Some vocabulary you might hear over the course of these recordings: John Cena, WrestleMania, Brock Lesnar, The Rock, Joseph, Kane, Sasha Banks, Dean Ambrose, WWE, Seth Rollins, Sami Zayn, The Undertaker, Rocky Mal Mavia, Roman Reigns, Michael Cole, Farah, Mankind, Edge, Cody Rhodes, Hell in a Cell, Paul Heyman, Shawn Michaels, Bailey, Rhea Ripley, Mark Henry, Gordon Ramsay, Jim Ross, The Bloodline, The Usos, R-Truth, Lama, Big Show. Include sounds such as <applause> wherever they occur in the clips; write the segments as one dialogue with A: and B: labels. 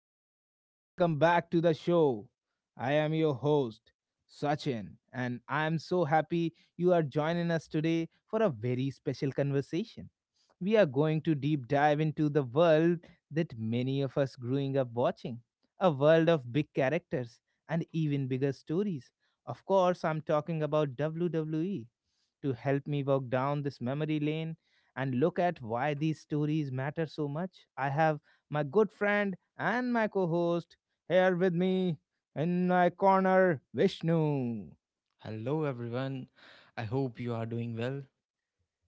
A: everyone. Welcome back to the show. I am your host, Sachin, and I am so happy you are joining us today for a very special conversation. We are going to deep dive into the world that many of us growing up watching a world of big characters and even bigger stories. Of course, I'm talking about WWE to help me walk down this memory lane and look at why these stories matter so much, I have my good friend and my co host here with me in my corner, Vishnu.
B: Hello, everyone. I hope you are doing well.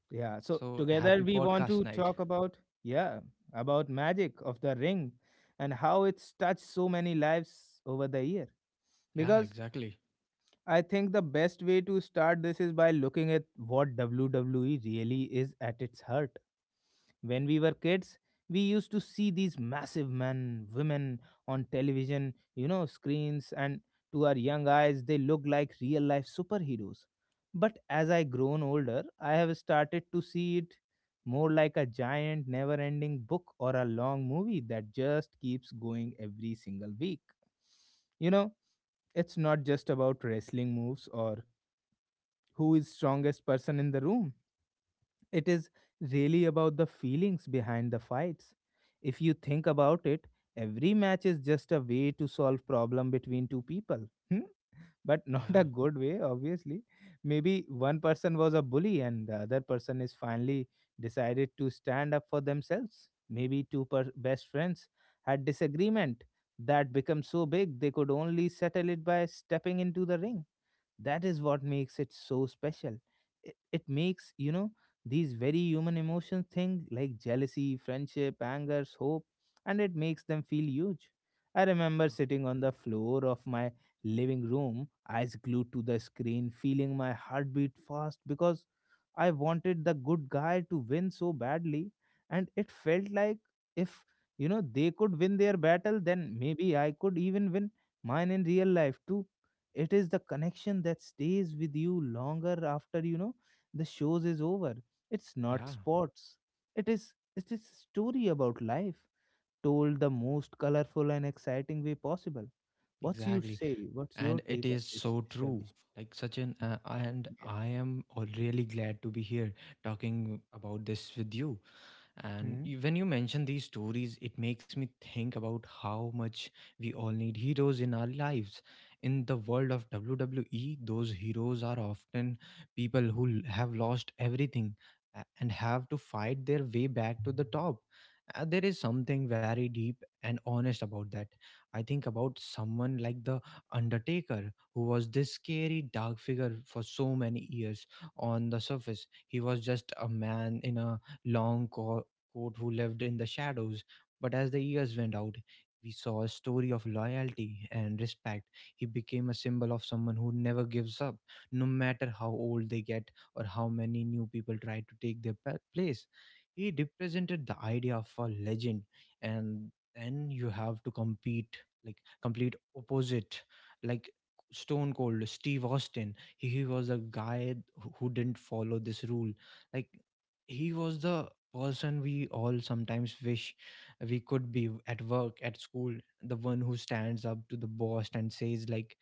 A: Yeah, so
B: So,
A: together
B: happy
A: we want
B: podcast
A: to
B: night.
A: talk about, yeah, about magic of the ring and how it's touched so many lives over the year
B: Yeah,
A: because
B: exactly.
A: I think the best way to start this is by looking at what WWE really is at its heart. When we were kids, we used to see these massive men, women on television, screens, and to our young eyes, they look like real life superheroes. But as I grown older, I have started to see it more like a giant, never ending book or a long movie that just keeps going every single week. You know, it's not just about wrestling moves or who is strongest person in the room. It is really about the feelings behind the fights. If you think about it, every match is just a way to solve problem between two people. <laughs> hmm? But not a
B: Yeah,
A: good way, obviously. Maybe one person was a bully and the other person is finally decided to stand up for themselves. Maybe best friends had disagreement that become so big they could only settle it by stepping into the ring. That is what makes it so special. It makes, these very human emotions thing like jealousy, friendship, angers, hope, and it makes them feel huge. I remember sitting on the floor of my living room, eyes glued to the screen, feeling my heartbeat fast because I wanted the good guy to win so badly, and it felt like if, they could win their battle, then maybe I could even win mine in real life too. It is the connection that stays with you longer after, the shows is over. It's
B: yeah,
A: not
B: yeah,
A: sports, it is a story about life told the most colorful and exciting way possible.
B: exactly.
A: What's your
B: And it
A: take on
B: is
A: this,
B: so
A: Mr.
B: true.
A: Vishnu?
B: And I am really glad to be here talking about this with you.
A: yeah. Hmm.
B: When you mention these stories, it makes me think about how much we all need heroes in our lives. In the world of WWE, those heroes are often people who have lost everything and have to fight their way back to the top. There is something very deep and honest about that. I think about someone like The Undertaker, who was this scary, dark figure for so many years on the surface. He was just a man in a long coat court who lived in the shadows, but as the years went out, we saw a story of loyalty and respect. He became a symbol of someone who never gives up, no matter how old they get or how many new people try to take their place. He represented the idea of a legend, and then you have to compete like complete opposite, like Stone Cold, Steve Austin. He was a guy who didn't follow this rule. Like he was the person we all sometimes wish we could be at work at school, the one who stands up to the boss and says like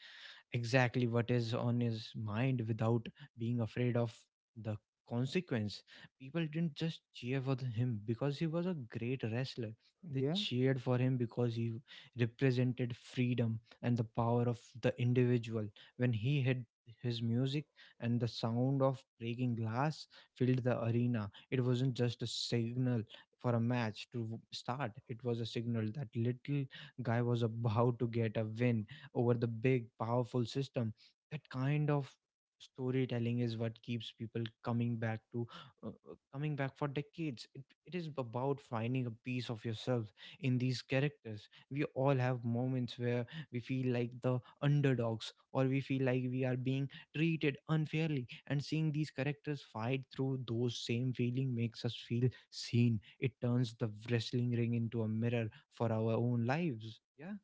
B: exactly what is on his mind without being afraid of the consequence. People didn't just cheer for him because he was a great wrestler. They
A: yeah
B: cheered for him because he represented freedom and the power of the individual. When he hit his music and the sound of breaking glass filled the arena, it wasn't just a signal for a match to start, it was a signal that little guy was about to get a win over the big powerful system. That kind of storytelling is what keeps people coming back to coming back for decades. It is about finding a piece of yourself in these characters. We all have moments where we feel like the underdogs or we feel like we are being treated unfairly, and seeing these characters fight through those same feeling makes us feel seen. It turns the wrestling ring into a mirror for our own lives, yeah.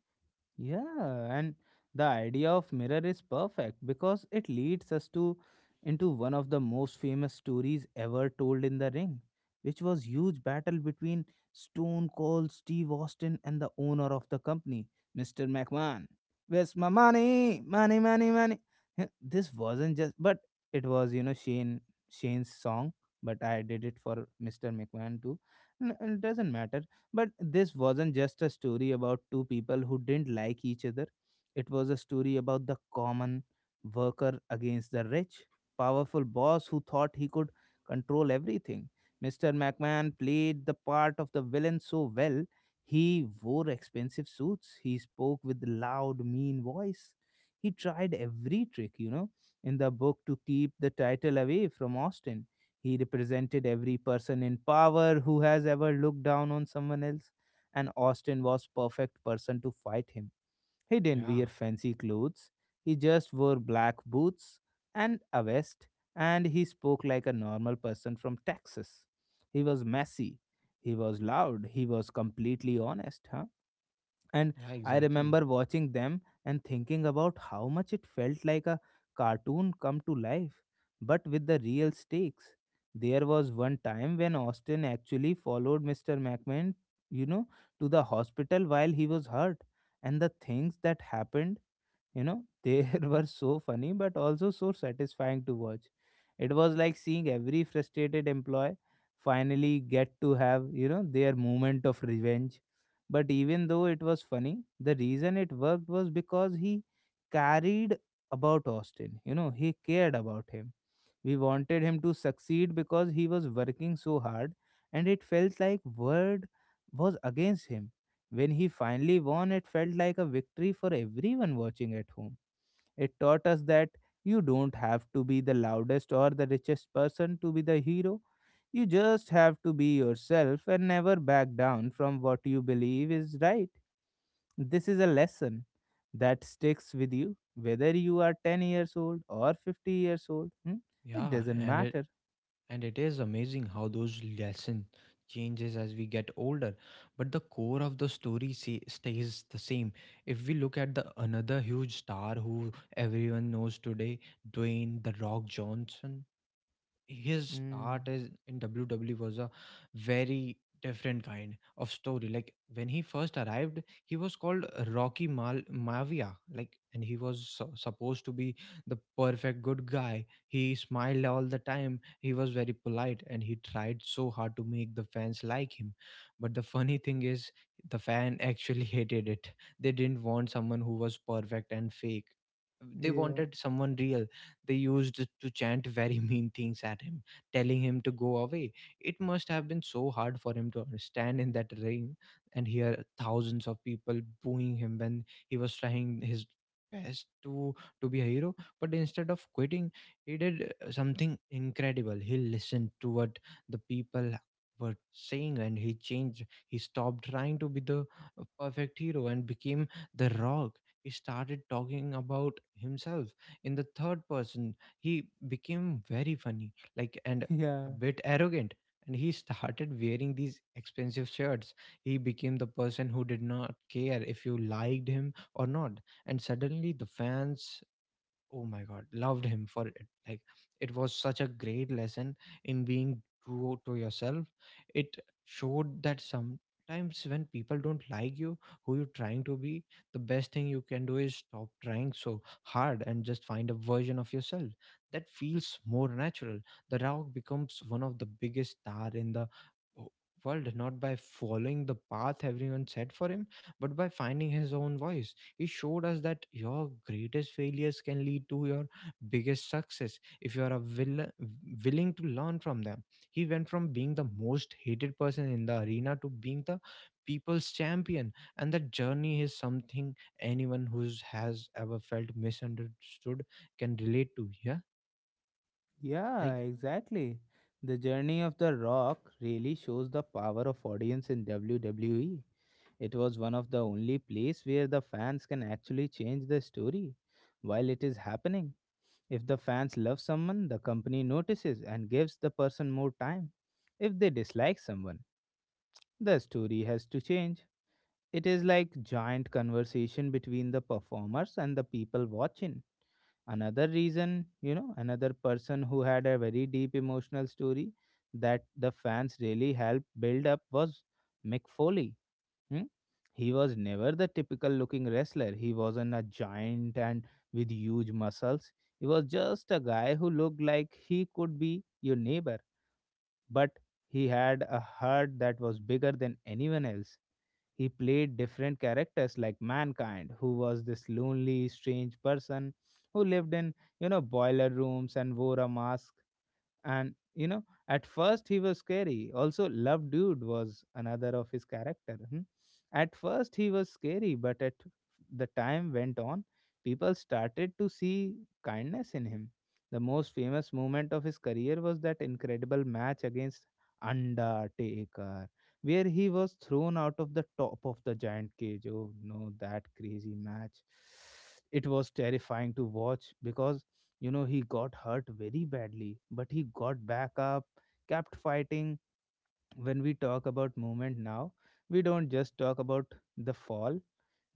A: Yeah, and the idea of mirror is perfect because it leads us to into one of the most famous stories ever told in the ring, which was huge battle between Stone Cold Steve Austin and the owner of the company, Mr. McMahon. Where's my money? Money, money, money. Huh, This wasn't just but it was, Shane's song, but I did it for Mr. McMahon too. It doesn't matter. But this wasn't just a story about two people who didn't like each other. It was a story about the common worker against the rich, powerful boss who thought he could control everything. Mr. McMahon played the part of the villain so well. He wore expensive suits. He spoke with loud, mean voice. He tried every trick, in the book to keep the title away from Austin. He represented every person in power who has ever looked down on someone else, and Austin was perfect person to fight him. He didn't wear
B: Yeah,
A: fancy clothes. He just wore black boots and a vest, and he spoke like a normal person from Texas. He was messy. He was loud. He was completely honest, huh? and
B: Yeah,
A: I
B: exactly.
A: remember watching them and thinking about how much it felt like a cartoon come to life, but with the real stakes. There was one time when Austin actually followed Mr. McMahon, you know, to the hospital while he was hurt, and the things that happened <laughs> they were so funny but also so satisfying to watch. It was like seeing every frustrated employee finally get to have their moment of revenge. But even though it was funny, the reason it worked was because he carried about Austin, he cared about him. We wanted him to succeed because he was working so hard, and it felt like world was against him. When he finally won, it felt like a victory for everyone watching at home. It taught us that you don't have to be the loudest or the richest person to be the hero. You just have to be yourself and never back down from what you believe is right. This is a lesson that sticks with you, whether you are 10 years old or 50 years old. Hmm? It
B: Yeah,
A: doesn't
B: and it
A: matter.
B: and it is amazing how those lesson changes as we get older, but the core of the story, stays the same. If we look at the another huge star who everyone knows today, Dwayne the Rock Johnson, his
A: Mm,
B: start is in WWE was a very different kind of story. Like when he first arrived, he was called Rocky Mal Mavia. Like and he was supposed to be the perfect good guy. He smiled all the time. He was very polite and he tried so hard to make the fans like him. But the funny thing is the fan <laughs> actually hated it. They didn't want someone who was perfect and fake. They
A: yeah,
B: wanted someone real. They used to chant very <laughs> mean things at him, telling him to go away. It must have been so hard for him to stand in that ring and hear thousands of people booing him when he was trying his best to be a hero. But instead of quitting, he did something incredible. He listened to what the people were saying and he changed. He stopped trying to be the perfect hero and became the rock. He started talking about himself in the third person. He became very funny, like, and
A: <laughs>
B: a
A: yeah,
B: bit arrogant, and he started wearing these expensive shirts. He became the person who did not care if you liked him or not, and suddenly the fans, oh my god, loved him for it. Like, it was such a great lesson in being true to yourself. It showed that sometimes when people don't like you who you're trying to be, the best thing you can do is stop trying so hard and just find a version of yourself that feels more natural. The rock becomes one of the biggest star in the w- world not by following the path everyone set for him but by finding his own voice. He showed us that your greatest failures can lead to your biggest success if you are willing to learn from them. He went from being the most hated person in the arena to being the people's champion. And that journey is something anyone who has ever felt misunderstood can relate to. Yeah.
A: yeah,
B: Like,
A: exactly. The journey of The Rock really shows the power of audience in WWE. It was one of the only place where the fans can actually change the story while it is happening. If the fans love someone, the company notices and gives the person more time. If they dislike someone, the story has to change. It is like giant conversation between the performers and the people watching. Another reason, another person who had a very deep emotional story that the fans really helped build up was Mick Foley. hmm? He was never the typical looking wrestler. He wasn't a giant and with huge muscles. He was just a guy who looked like he could be your neighbor, but he had a heart that was bigger than anyone else. He played different characters like Mankind, who was this lonely, strange person who lived in, boiler rooms and wore a mask, and at first he was scary. Also Love Dude was another of his character. Hmm. At first he was scary, but at the time went on, people started to see kindness in him. The most famous moment of his career was that incredible match against Undertaker, where he was thrown out of the top of the giant cage. Oh no, that crazy match. It was terrifying to watch because he got hurt very badly, but he got back up, kept fighting. When we talk about movement now, we don't just talk about the fall,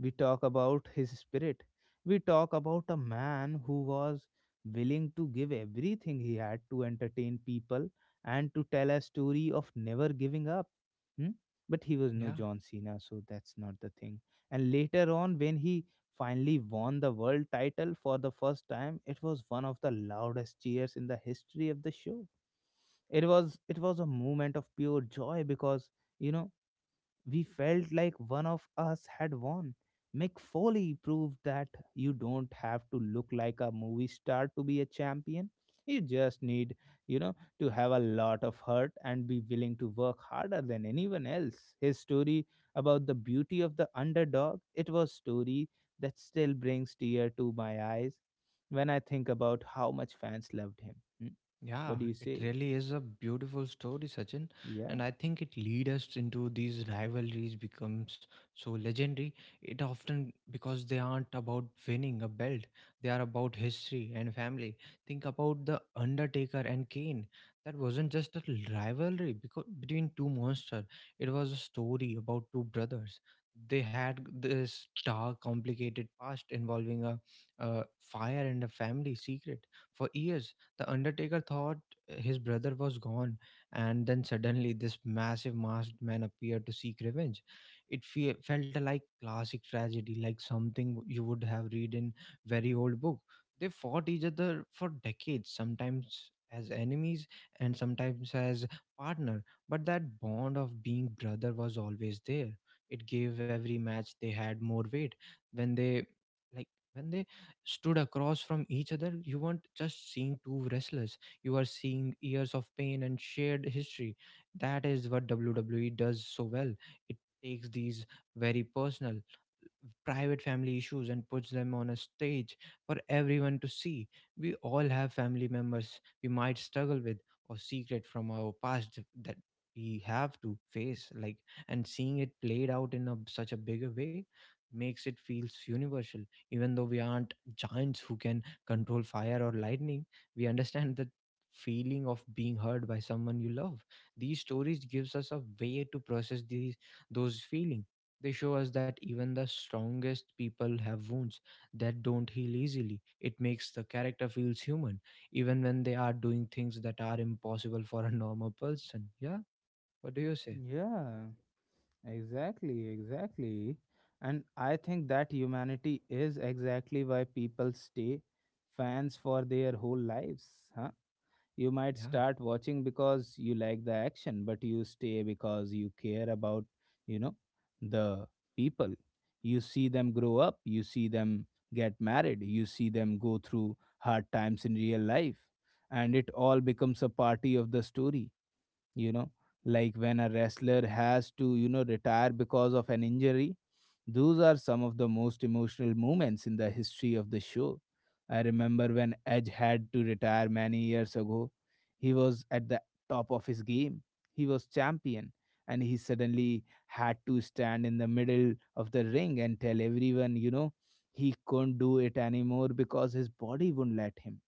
A: we talk about his spirit. We talk about a man who was willing to give everything he had to entertain people and to tell a story of never giving up. Hmm? But he was no
B: yeah.
A: John Cena, so that's not the thing. And later on, when he finally won the world title for the first time, it was one of the loudest cheers in the history of the show. It was a moment of pure joy because you know we felt like one of us had won. Mick Foley proved that you don't have to look like a movie star to be a champion. You just need you know to have a lot of heart and be willing to work harder than anyone else. His story about the beauty of the underdog, it was story that still brings tear to my eyes when I think about how much fans loved him. Hmm?
B: Yeah,
A: What do you
B: it
A: say
B: really is a beautiful story, Sachin,
A: yeah
B: and I think it leads us into these rivalries becomes so legendary. It often because they aren't about winning a belt; they are about history and family. Think about the Undertaker and Kane. That wasn't just a rivalry because between two monsters. It was a story about two brothers. They had this dark, complicated past involving a fire and a family secret for years. The Undertaker thought his brother was gone, and then suddenly this massive masked man appeared to seek revenge. It felt like classic tragedy, like something you would have read in very old book. They fought each other for decades, sometimes as enemies and sometimes as partner, but that bond of being brother was always there. It gave every match they had more weight. When they like when they stood across from each other, you weren't just seeing two wrestlers, you are seeing years of pain and shared history. That is what WWE does so well. It takes these very personal, private family issues and puts them on a stage for everyone to see. We all have family members we might struggle with or secret from our past that we have to face, like, and seeing it played out in such a bigger way makes it feels universal. Even though we aren't giants who can control fire or lightning, we understand the feeling of being heard by someone you love. These stories gives us a way to process these those feelings. They show us that even the strongest people have wounds that don't heal easily. It makes the character feels human, even when they are doing things that are impossible for a normal person. Yeah, what do you say?
A: Yeah, exactly, exactly. And I think that humanity is exactly why people stay fans for their whole lives, huh? You might
B: Yeah,
A: start watching because you like the action, but you stay because you care about, you know, the people. You see them grow up, you see them get married, you see them go through hard times in real life, and it all becomes a party of the story. You know like when a wrestler has to, retire because of an injury, those are some of the most emotional moments in the history of the show. I remember when Edge had to retire many years ago. He was at the top of his game. He was champion, and he suddenly had to stand in the middle of the ring and tell everyone, he couldn't do it anymore because his body wouldn't let him.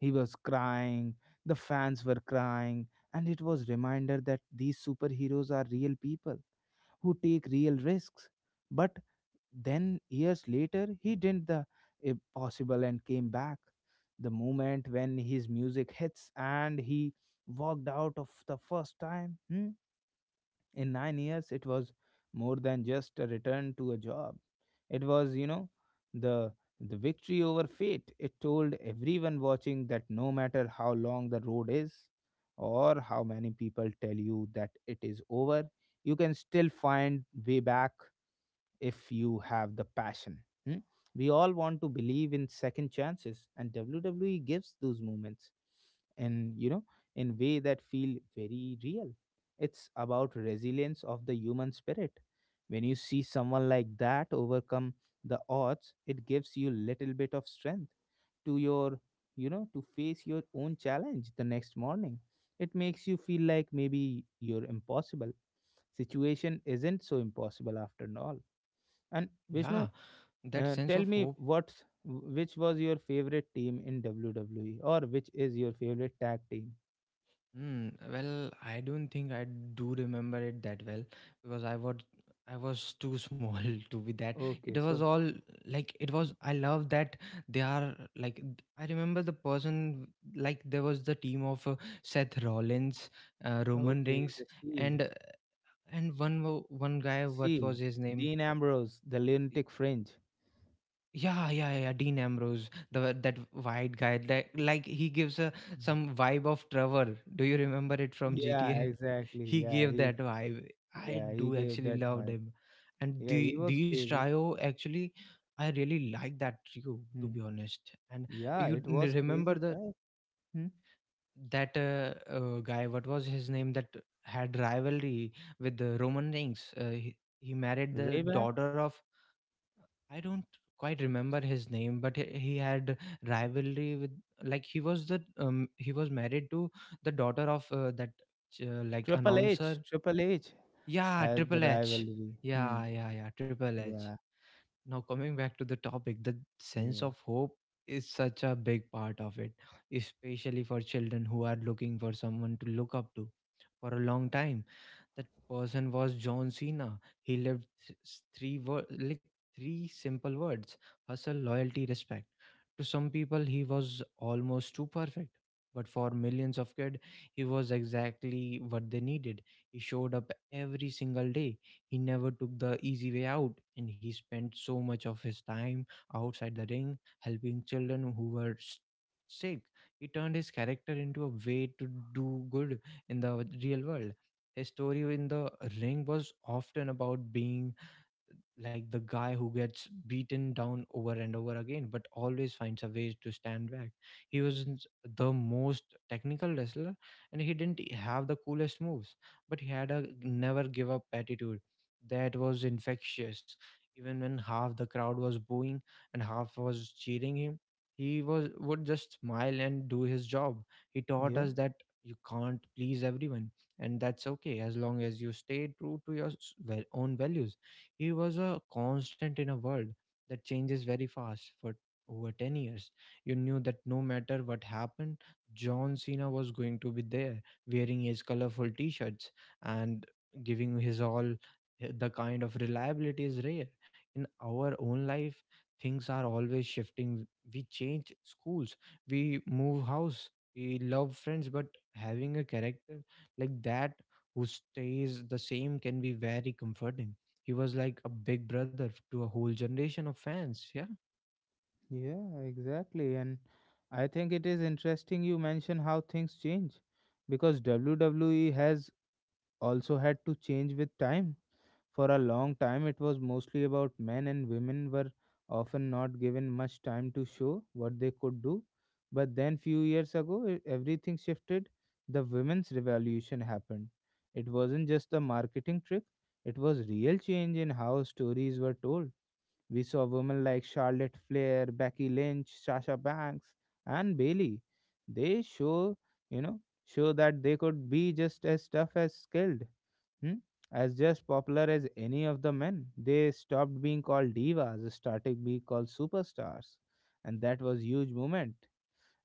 A: He was crying, the fans were crying, and it was reminder that these superheroes are real people who take real risks. But then years later, he did the impossible and came back. The moment when his music hits and he walked out of the first time. In 9 years, it was more than just a return to a job. It was, the the victory over fate. It told everyone watching that no matter how long the road is, or how many people tell you that it is over, you can still find way back if you have the passion. hmm? We all want to believe in second chances, and WWE gives those moments and, in way that feel very real. It's about resilience of the human spirit. When you see someone like that overcome the odds, it gives you little bit of strength to your to face your own challenge the next morning. It makes you feel like maybe you're impossible situation isn't so impossible after all. And
B: yeah.
A: Vishnu,
B: That sense
A: tell
B: of
A: me
B: hope.
A: what's which was your favorite team in WWE or which is your favorite tag team?
B: Mm, well, I don't think I do remember it that well because I was too small <laughs> to be that. It
A: Okay,
B: was
A: so
B: all like it was. I love that they are like I remember the person. Like there was the team of Seth Rollins, Roman
A: okay,
B: Reigns,
A: the Shield,
B: and uh, and one one guy. What was
A: Shield,
B: his name?
A: Dean Ambrose, the lunatic fringe.
B: Yeah, Dean Ambrose, the that white guy, that like he gives a some vibe of Trevor. Do you remember it from
A: Yeah,
B: GTA? <laughs>
A: exactly.
B: He gave that vibe. I
A: Yeah, he
B: do
A: gave
B: actually
A: that
B: loved
A: vibe.
B: him, and
A: Yeah, he
B: the
A: was
B: these
A: crazy.
B: trio actually, I really like that trio to
A: Hmm.
B: be honest. And
A: Yeah,
B: you
A: it was
B: remember
A: crazy
B: the
A: vibe. Hmm.
B: that guy? What was his name? That had rivalry with the Roman Reigns. He married the
A: Way back,
B: daughter of, I don't quite remember his name, but he had rivalry with, like he was the he was married to the daughter of that like announcer.
A: Triple H
B: Yeah,
A: had the
B: Triple H.
A: rivalry. Hmm.
B: Yeah, Triple H.
A: Yeah,
B: Now coming back to the topic, the sense
A: yeah,
B: of hope is such a big part of it, especially for children who are looking for someone to look up to. For a long time that person was John Cena. He lived three word, like three simple words: hustle, loyalty, respect. To some people, he was almost too perfect, but for millions of kids, he was exactly what they needed. He showed up every single day. He never took the easy way out, and he spent so much of his time outside the ring helping children who were sick. He turned his character into a way to do good in the real world. His story in the ring was often about being like the guy who gets beaten down over and over again but always finds a way to stand back. He wasn't the most technical wrestler and he didn't have the coolest moves, but he had a never give up attitude that was infectious. Even when half the crowd was booing and half was cheering him, he was would just smile and do his job. He taught
A: yeah.
B: us that you can't please everyone and that's okay as long as you stay true to your own values. He was a constant in a world that changes very fast. For over 10 years, you knew that no matter what happened, John Cena was going to be there wearing his colorful t shirts and giving his all. The kind of reliability is rare. In our own life, things are always shifting. We change schools, we move house, we love friends, but having a character like that who stays the same can be very comforting. He was like a big brother to a whole generation of fans. Yeah.
A: Yeah, exactly. And I think it is interesting you mention how things change because WWE has also had to change with time. For a long time, it was mostly about men, and women were often not given much time to show what they could do. But then, few years ago, everything shifted. The women's revolution happened. It wasn't just a marketing trick, it was real change in how stories were told. We saw women like Charlotte Flair, Becky Lynch, Sasha Banks, and Bailey. They show, you know, Show that they could be just as tough as skilled, hmm? As just popular as any of the men. They stopped being called divas, started being called superstars, and that was huge moment.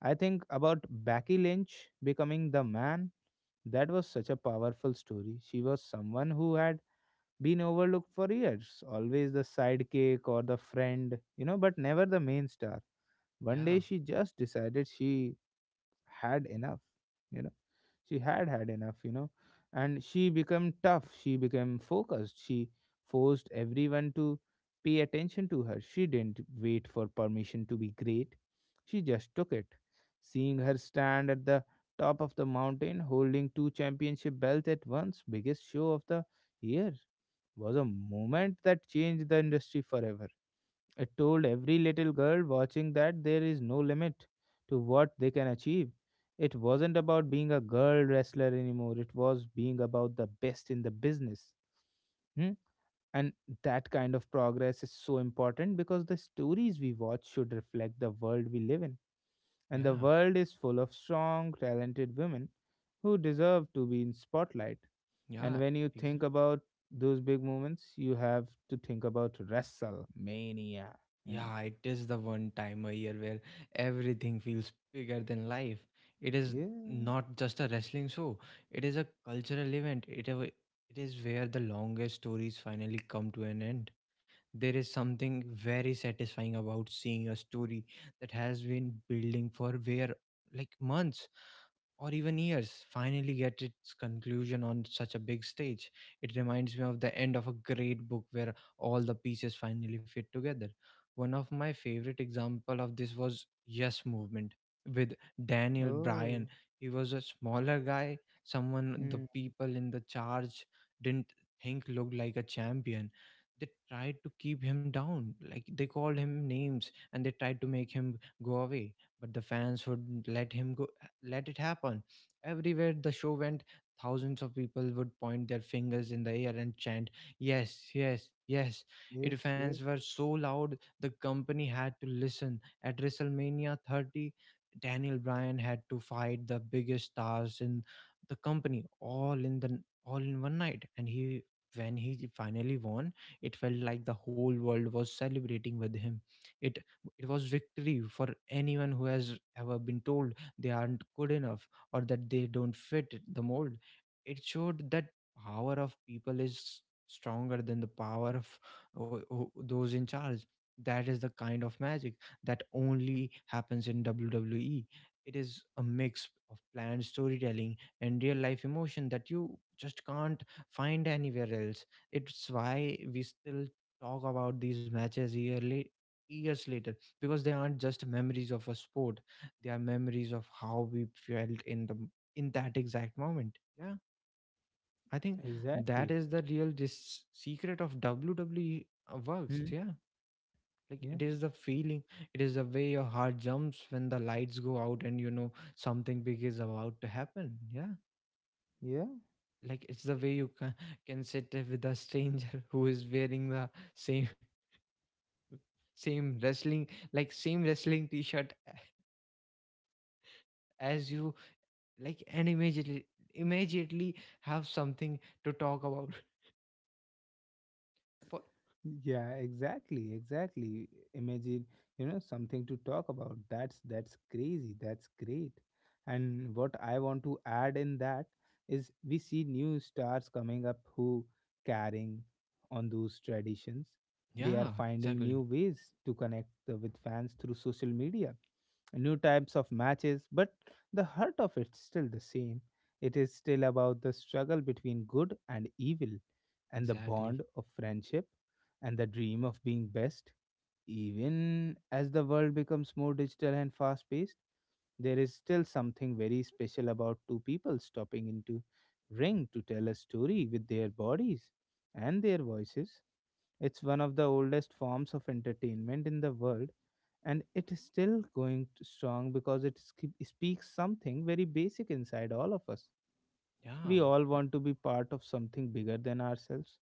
A: I think about Becky Lynch becoming the man. That was such a powerful story. She was someone who had been overlooked for years, always the sidekick or the friend, but never the main star. One day
B: Yeah,
A: she just decided she had enough, you know, she had had enough, and she became tough, she became focused, she forced everyone to pay attention to her. She didn't wait for permission to be great, she just took it. Seeing her stand at the top of the mountain holding two championship belts at once, biggest show of the year, was a moment that changed the industry forever. It told every little girl watching that there is no limit to what they can achieve. It wasn't about being a girl wrestler anymore, it was being about the best in the business. Hmm? And that kind of progress is so important because the stories we watch should reflect the world we live in. And the
B: yeah,
A: world is full of strong, talented women who deserve to be in spotlight. And
B: yeah,
A: when you
B: exa-
A: think about those big moments, you have to think about WrestleMania. Mm.
B: yeah. It is the one time a year where everything feels bigger than life. It is
A: Yeah.
B: not just a wrestling show; it is a cultural event. It is where the longest stories finally come to an end. There is something very satisfying about seeing a story that has been building for where like months or even years, finally get its conclusion on such a big stage. It reminds me of the end of a great book where all the pieces finally fit together. One of my favorite example of this was Yes Movement with Daniel Bryan.
A: Oh.
B: He was a smaller guy, someone the
A: Mm.
B: people in the charge didn't think looked like a champion. They tried to keep him down, like they called him names and they tried to make him go away, but the fans wouldn't let him go let it happen. Everywhere the show went, thousands of people would point their fingers in the air and chant, yes, yes, yes. It
A: Yes.
B: fans
A: Yes.
B: were so loud the company had to listen. At WrestleMania 30, Daniel Bryan had to fight the biggest stars in the company all in one night, and he when he finally won, it felt like the whole world was celebrating with him. It it was victory for anyone who has ever been told they aren't good enough, or that they don't fit the mold. It showed that power of people is stronger than the power of those in charge. That is the kind of magic that only happens in WWE. It is a mix of planned storytelling and real life emotion that you just can't find anywhere else. It's why we still talk about these matches yearly years later, because they aren't just memories of a sport, they are memories of how we felt in that exact moment. Yeah, I think that
A: Exactly.
B: is the real this secret of WWE works.
A: Hmm.
B: Yeah, like it
A: Yeah.
B: is the feeling. It is the way your heart jumps when the lights go out and you know something big is about to happen. Yeah.
A: Yeah.
B: Like it's the way you can sit with a stranger <laughs> who is wearing the same same wrestling same wrestling t-shirt as you, like, and immediately have something to talk about <laughs> for.
A: Yeah, exactly, exactly. Imagine, something to talk about. That's crazy, that's great. And what I want to add in that is we see new stars coming up who carrying on those traditions. They are
B: Yeah,
A: finding
B: exactly.
A: new ways to connect with fans through social media, new types of matches, but the heart of it's still the same. It is still about the struggle between good and evil, and the
B: Exactly.
A: bond of friendship, and the dream of being best. Even as the world becomes more digital and fast paced, there is still something very special about two people stopping into ring to tell a story with their bodies and their voices. It's one of the oldest forms of entertainment in the world and it is still strong because it speaks something very basic inside all of us. We
B: Yeah.
A: all want to be part of something bigger than ourselves.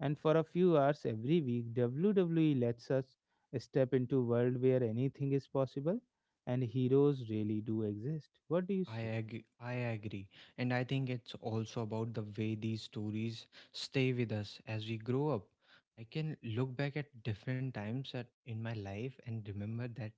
A: And for a few hours every week, WWE lets us step into a world where anything is possible and heroes really do exist. What do you
B: I
A: see?
B: agree. I agree. And I think it's also about the way these stories stay with us as we grow up. I can look back at different times in my life and remember that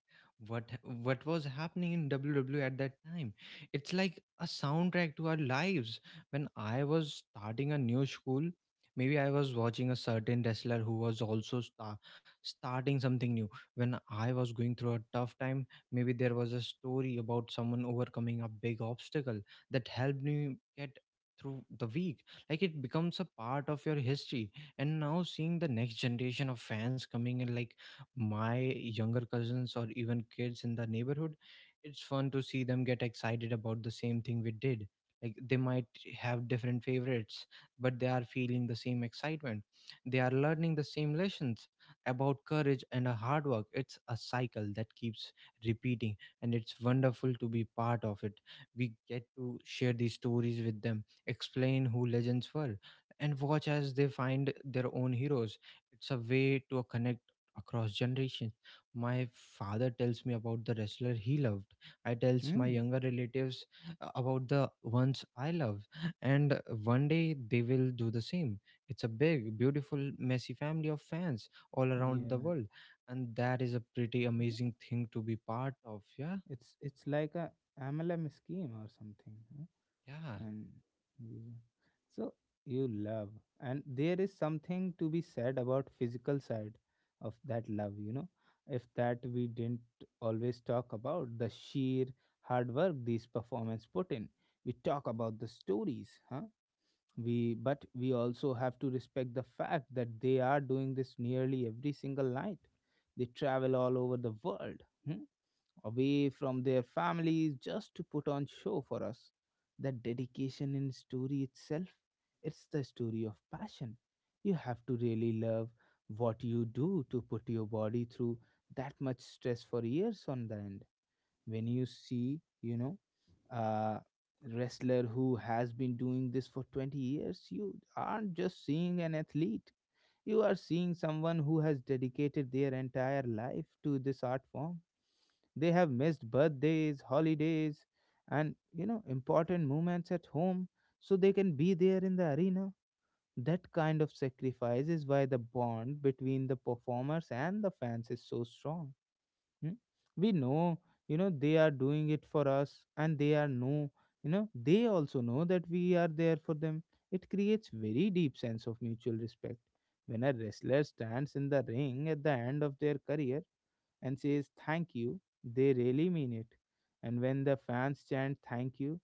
B: what was happening in WW at that time. It's like a soundtrack to our lives. When I was starting a new school, maybe I was watching a certain wrestler who was also starting something new. When I was going through a tough time, maybe there was a story about someone overcoming a big obstacle that helped me get through the week. Like it becomes a part of your history. And now seeing the next generation of fans coming in, like my younger cousins or even kids in the neighborhood, it's fun to see them get excited about the same thing we did. Like they might have different favorites, but they are feeling the same excitement. They are learning the same lessons about courage and a hard work. It's a cycle that keeps repeating, and it's wonderful to be part of it. We get to share these stories with them, explain who legends were, and watch as they find their own heroes. It's a way to connect across generations. My father tells me about the wrestler he loved, I tells my
A: Hmm.
B: younger relatives about the ones I love, and one day they will do the same. It's a big beautiful messy family of fans all around the
A: Yeah,
B: world, and that is a pretty amazing thing to be part of. Yeah.
A: it's like a MLM scheme or something.
B: Yeah.
A: And you, so you love, and there is something to be said about physical side of that love, if that we didn't always talk about the sheer hard work these performance put in. We talk about the stories, huh? We but we also have to respect the fact that they are doing this nearly every single night. They travel all over the world, hmm? Away from their families just to put on show for us. That dedication in story itself, it's the story of passion. You have to really love what you do to put your body through that much stress for years on the end. When you see, a wrestler who has been doing this for 20 years, you aren't just seeing an athlete. You are seeing someone who has dedicated their entire life to this art form. They have missed birthdays, holidays, and important moments at home so they can be there in the arena. That kind of sacrifice is why the bond between the performers and the fans is so strong. Hmm? We know, you know, They are doing it for us, and they are know, you know, they also know that we are there for them. It creates very deep sense of mutual respect. When a wrestler stands in the ring at the end of their career, and says thank you, they really mean it. And when the fans chant thank you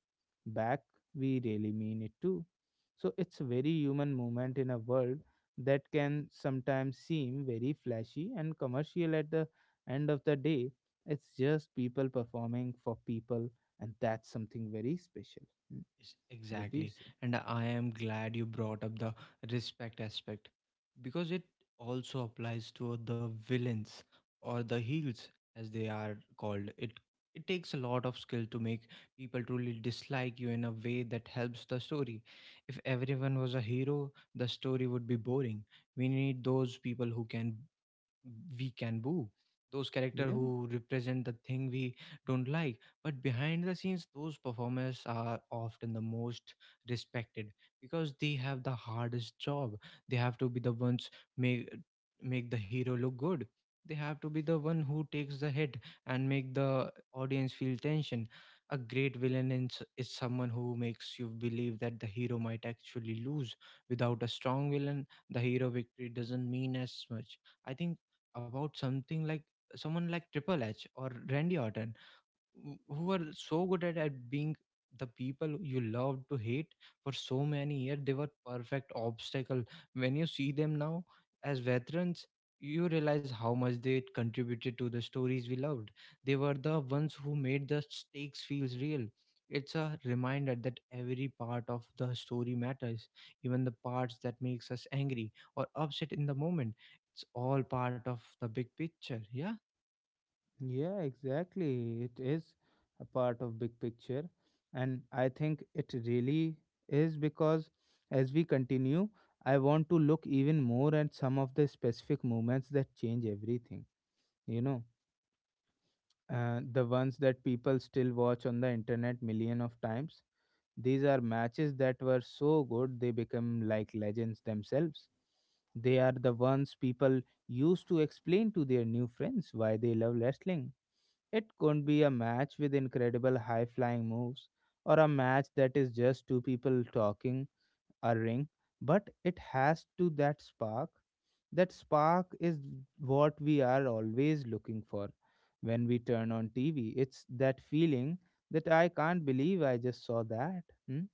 A: back, we really mean it too. So it's a very human moment in a world that can sometimes seem very flashy and commercial at the end of the day. It's just people performing for people, and that's something very special. Hmm.
B: Yes,
A: What do you
B: exactly.
A: say?
B: And I am glad you brought up the respect aspect because it also applies to the villains, or the heels as they are called. It takes a lot of skill to make people truly dislike you in a way that helps the story. If everyone was a hero, the story would be boring. We need those people who can we can boo. Those character
A: Yeah.
B: who represent the thing we don't like, but behind the scenes, those performers are often the most respected because they have the hardest job. They have to be the ones make make the hero look good. They have to be the one who takes the hit and make the audience feel tension. A great villain is someone who makes you believe that the hero might actually lose. Without a strong villain, the hero victory doesn't mean as much. I think about something like someone like Triple H or Randy Orton, who are so good at being the people you love to hate. For so many years they were perfect obstacle. When you see them now as veterans, you realize how much they contributed to the stories we loved. They were the ones who made the stakes feels real. It's a reminder that every part of the story matters, even the parts that makes us angry or upset in the moment. It's all part of the big picture. Yeah.
A: Yeah, exactly. It is a part of big picture, and I think it really is because as we continue, I want to look even more at some of the specific moments that change everything, you know. The ones that people still watch on the internet million of times. These are matches that were so good they become like legends themselves. They are the ones people used to explain to their new friends why they love wrestling. It could be a match with incredible high flying moves, or a match that is just two people talking a ring, but it has to that spark. That spark is what we are always looking for when we turn on TV. It's that feeling that I can't believe I just saw that. Hmm?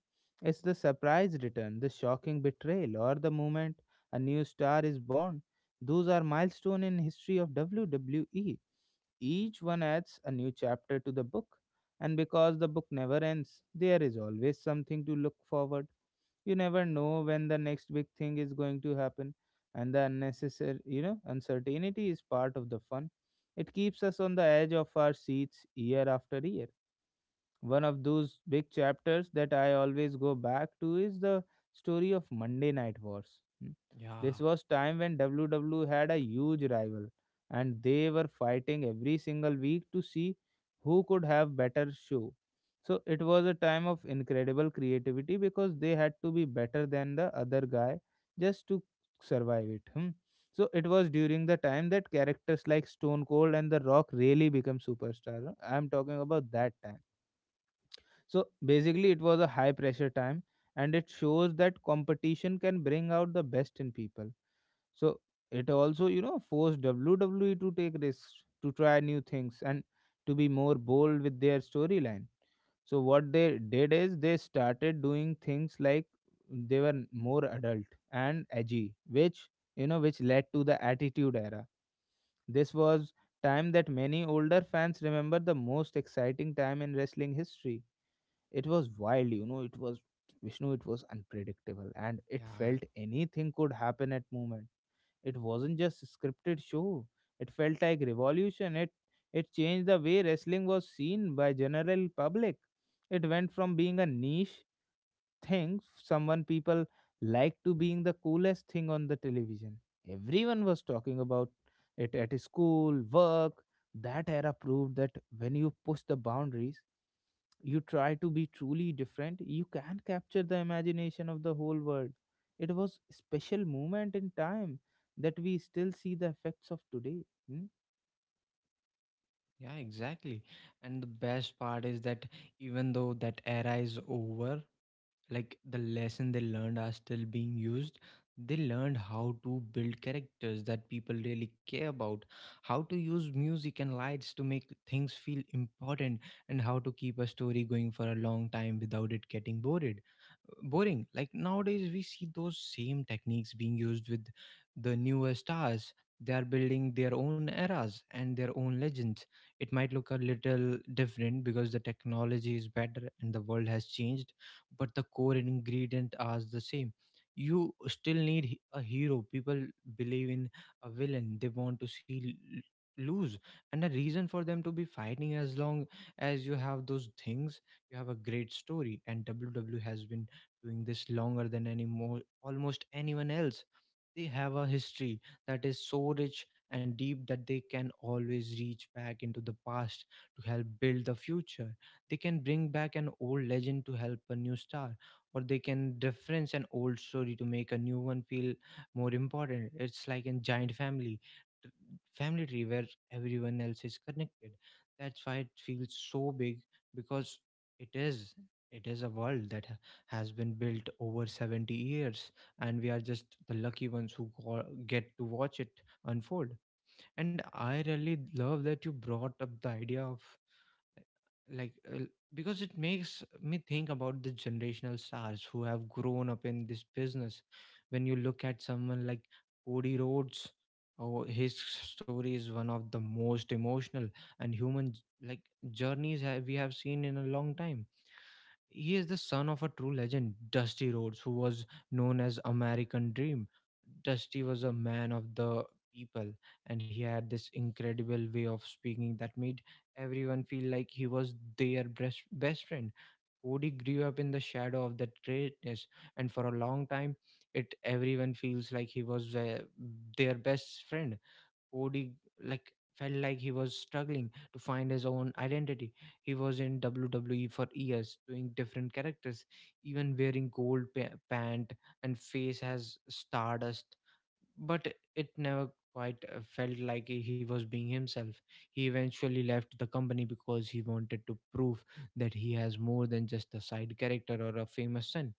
A: It's the surprise return, the shocking betrayal, or the moment a new star is born. Those are milestone in history of WWE. Each one adds a new chapter to the book. And because the book never ends, there is always something to look forward. You never know when the next big thing is going to happen, and the unnecessary, uncertainty is part of the fun. It keeps us on the edge of our seats year after year. One of those big chapters that I always go back to is the story of Monday Night Wars. Hmm.
B: Yeah.
A: This was time when WWE had a huge rival and they were fighting every single week to see who could have better show. So it was a time of incredible creativity because they had to be better than the other guy just to survive it. Hmm. So it was during the time that characters like Stone Cold and The Rock really became superstars. Huh? I'm talking about that time. So basically, it was a high pressure time, and it shows that competition can bring out the best in people. So it also, forced WWE to take risks, to try new things, and to be more bold with their storyline. So what they did is they started doing things like they were more adult and edgy, which, which led to the Attitude Era. This was time that many older fans remember the most exciting time in wrestling history. It was wild, it was Vishnu, it was unpredictable and it
B: Yeah.
A: felt anything could happen at moment. It wasn't just scripted show. It felt like revolution. It changed the way wrestling was seen by general public. It went from being a niche thing someone people like to being the coolest thing on the television. Everyone was talking about it at school, work. That era proved that when you push the boundaries, you try to be truly different, you can capture the imagination of the whole world. It was special moment in time that we still see the effects of today. Hmm?
B: Yeah, exactly. And the best part is that even though that era is over, like the lesson they learned are still being used. They learned how to build characters that people really care about, how to use music and lights to make things feel important, and how to keep a story going for a long time without it getting bored boring. Like nowadays we see those same techniques being used with the newer stars. They are building their own eras and their own legends. It might look a little different because the technology is better and the world has changed, but the core ingredient are the same. You still need a hero people believe in, a villain they want to see lose, and a reason for them to be fighting. As long as you have those things, you have a great story. And WW has been doing this longer than any more almost anyone else. They have a history that is so rich and deep that they can always reach back into the past to help build the future. They can bring back an old legend to help a new star, or they can reference an old story to make a new one feel more important. It's like a giant family, t- family tree where everyone else is connected. That's why it feels so big, because it is. It is a world that has been built over 70 years, and we are just the lucky ones who get to watch it unfold. And I really love that you brought up the idea of like uh, because it makes me think about the generational stars who have grown up in this business. When you look at someone like Cody Rhodes, oh, his story is one of the most emotional and human, like journeys we have seen in a long time. He is the son of a true legend, Dusty Rhodes, who was known as American Dream. Dusty was a man of the people, and he had this incredible way of speaking that made everyone feel like he was their best friend. Cody grew up in the shadow of that greatness, and for a long time, it everyone feels like he was their best friend. Cody like felt like he was struggling to find his own identity. He was in WWE for years, doing different characters, even wearing gold pant and face as stardust, but it never quite felt like he was being himself. He eventually left the company because he wanted to prove that he has more than just a side character or a famous son.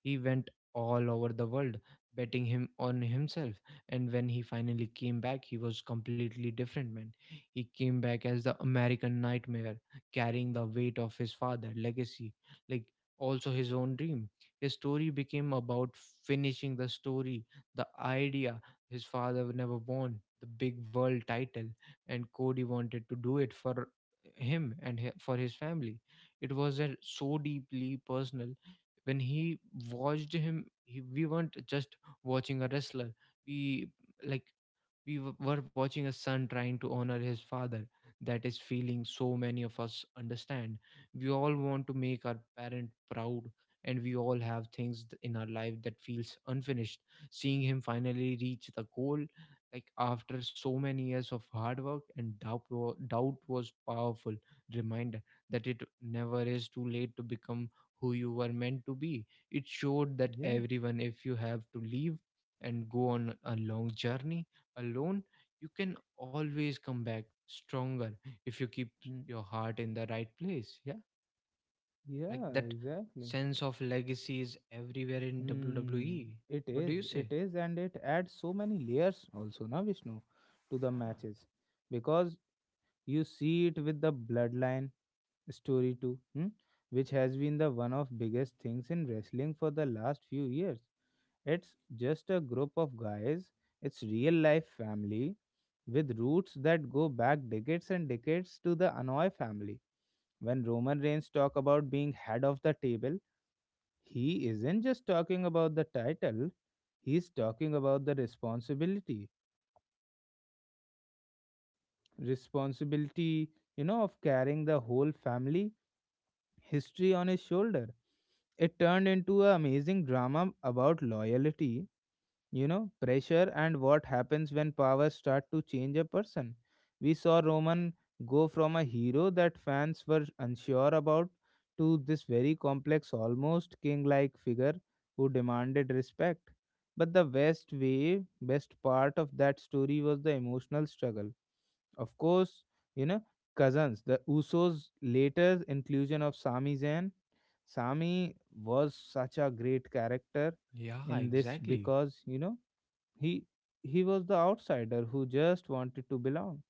B: He went all over the world betting him on himself, and when he finally came back he was completely different man. He came back as the American Nightmare, carrying the weight of his father legacy, like also his own dream. His story became about finishing the story, the idea his father never won the big world title, and Cody wanted to do it for him and for his family. It was a so deeply personal. When he watched him we weren't just watching a wrestler, we like we were watching a son trying to honor his father. That is feeling so many of us understand. We all want to make our parent proud, and we all have things in our life that feels unfinished. Seeing him finally reach the goal, like after so many years of hard work and doubt, doubt was powerful reminder that it never is too late to become who you were meant to be. It showed that
A: Yeah,
B: everyone, if you have to leave and go on a long journey alone, you can always come back stronger if you keep
A: hmm.
B: your heart in the right place. Yeah, like
A: Yeah,
B: that
A: exactly.
B: sense of legacy is everywhere in
A: Hmm.
B: WWE. What do you say?
A: It is, and it adds so many layers also, na Vishnu, to the
B: Yeah.
A: matches because you see it with the bloodline story too, hmm? Which has been the one of biggest things in wrestling for the last few years. It's just a group of guys, it's real life family with roots that go back decades and decades to the Anoy family. When Roman Reigns talk about being head of the table, he isn't just talking about the title, he's talking about the responsibility. Responsibility, of carrying the whole family history on his shoulder. It turned into an amazing drama about loyalty, pressure, and what happens when powers start to change a person. We saw Roman go from a hero that fans were unsure about to this very complex, almost king like figure who demanded respect. But the best part of that story was the emotional struggle. Of course, you know cousins, the Usos, later inclusion of Sami Zayn. Sami was such a great character
B: Yeah,
A: in this
B: exactly.
A: because he he was the outsider who just wanted to belong.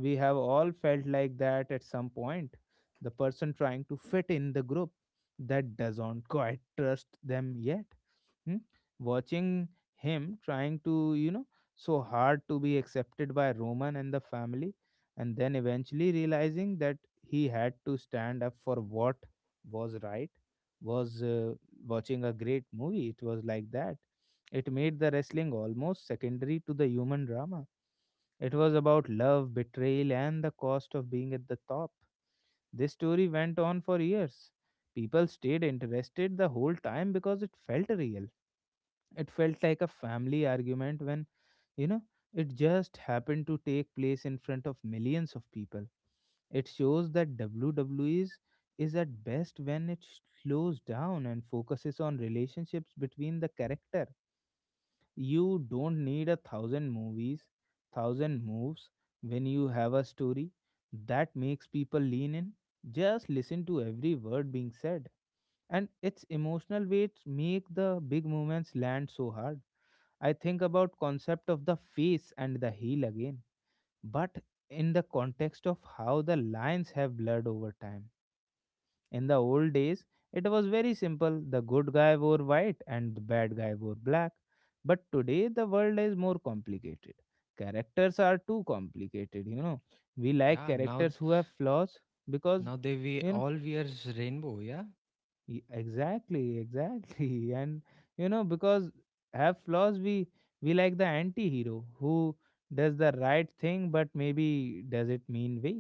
A: We have all felt like that at some point. The person trying to fit in the group that doesn't quite trust them yet. Hmm? Watching him trying to, so hard to be accepted by Roman and the family, and then eventually realizing that he had to stand up for what was right was watching a great movie. It was like that. It made the wrestling almost secondary to the human drama. It was about love, betrayal, and the cost of being at the top. This story went on for years. People stayed interested the whole time because it felt real. It felt like a family argument when, you know, it just happened to take place in front of millions of people. It shows that WWE is at best when it slows down and focuses on relationships between the character. You don't need a thousand movies, thousand moves, when you have a story that makes people lean in. Just listen to every word being said, and its emotional weight make the big movements land so hard. I think about concept of the face and the heel again, but in the context of how the lines have blurred over time. In the old days, it was very simple: the good guy wore white and the bad guy wore black. But today the world is more complicated. Characters are too complicated, we like
B: Yeah, now
A: characters who have flaws. Because
B: now they we
A: you know
B: all wears rainbow, yeah?
A: Exactly, exactly <laughs> and because have flaws, we like the anti-hero who does the right thing but maybe does it mean way.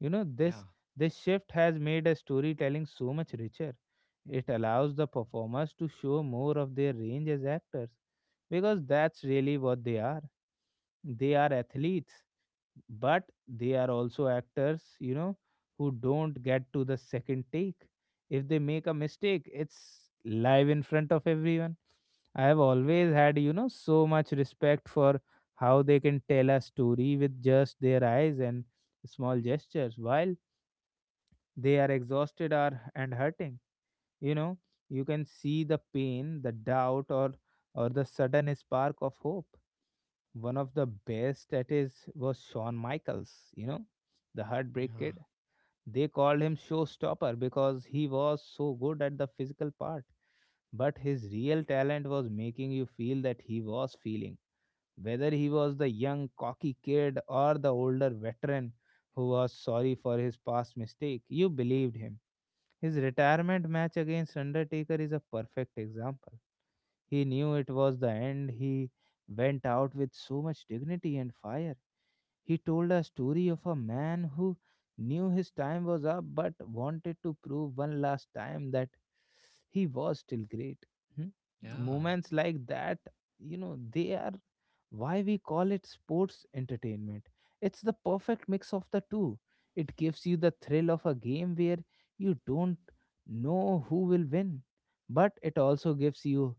A: you know
B: Yeah.
A: this this shift has made a storytelling so much richer. It allows the performers to show more of their range as actors, because that's really what they are. They are athletes, but they are also actors, who don't get to the second take. If they make a mistake, it's live in front of everyone. I have always had, so much respect for how they can tell a story with just their eyes and small gestures while they are exhausted or and hurting. you know you can see the pain, the doubt, or the sudden spark of hope. One of the best at his was Shawn Michaels, the Heartbreak
B: Yeah.
A: Kid. They called him Showstopper because he was so good at the physical part. But his real talent was making you feel that he was feeling. Whether he was the young, cocky kid or the older veteran who was sorry for his past mistake, you believed him. His retirement match against Undertaker is a perfect example. He knew it was the end. He went out with so much dignity and fire. He told a story of a man who knew his time was up but wanted to prove one last time that he was still great. Hmm?
B: Yeah.
A: Moments like that, they are why we call it sports entertainment. It's the perfect mix of the two. It gives you the thrill of a game where you don't know who will win, but it also gives you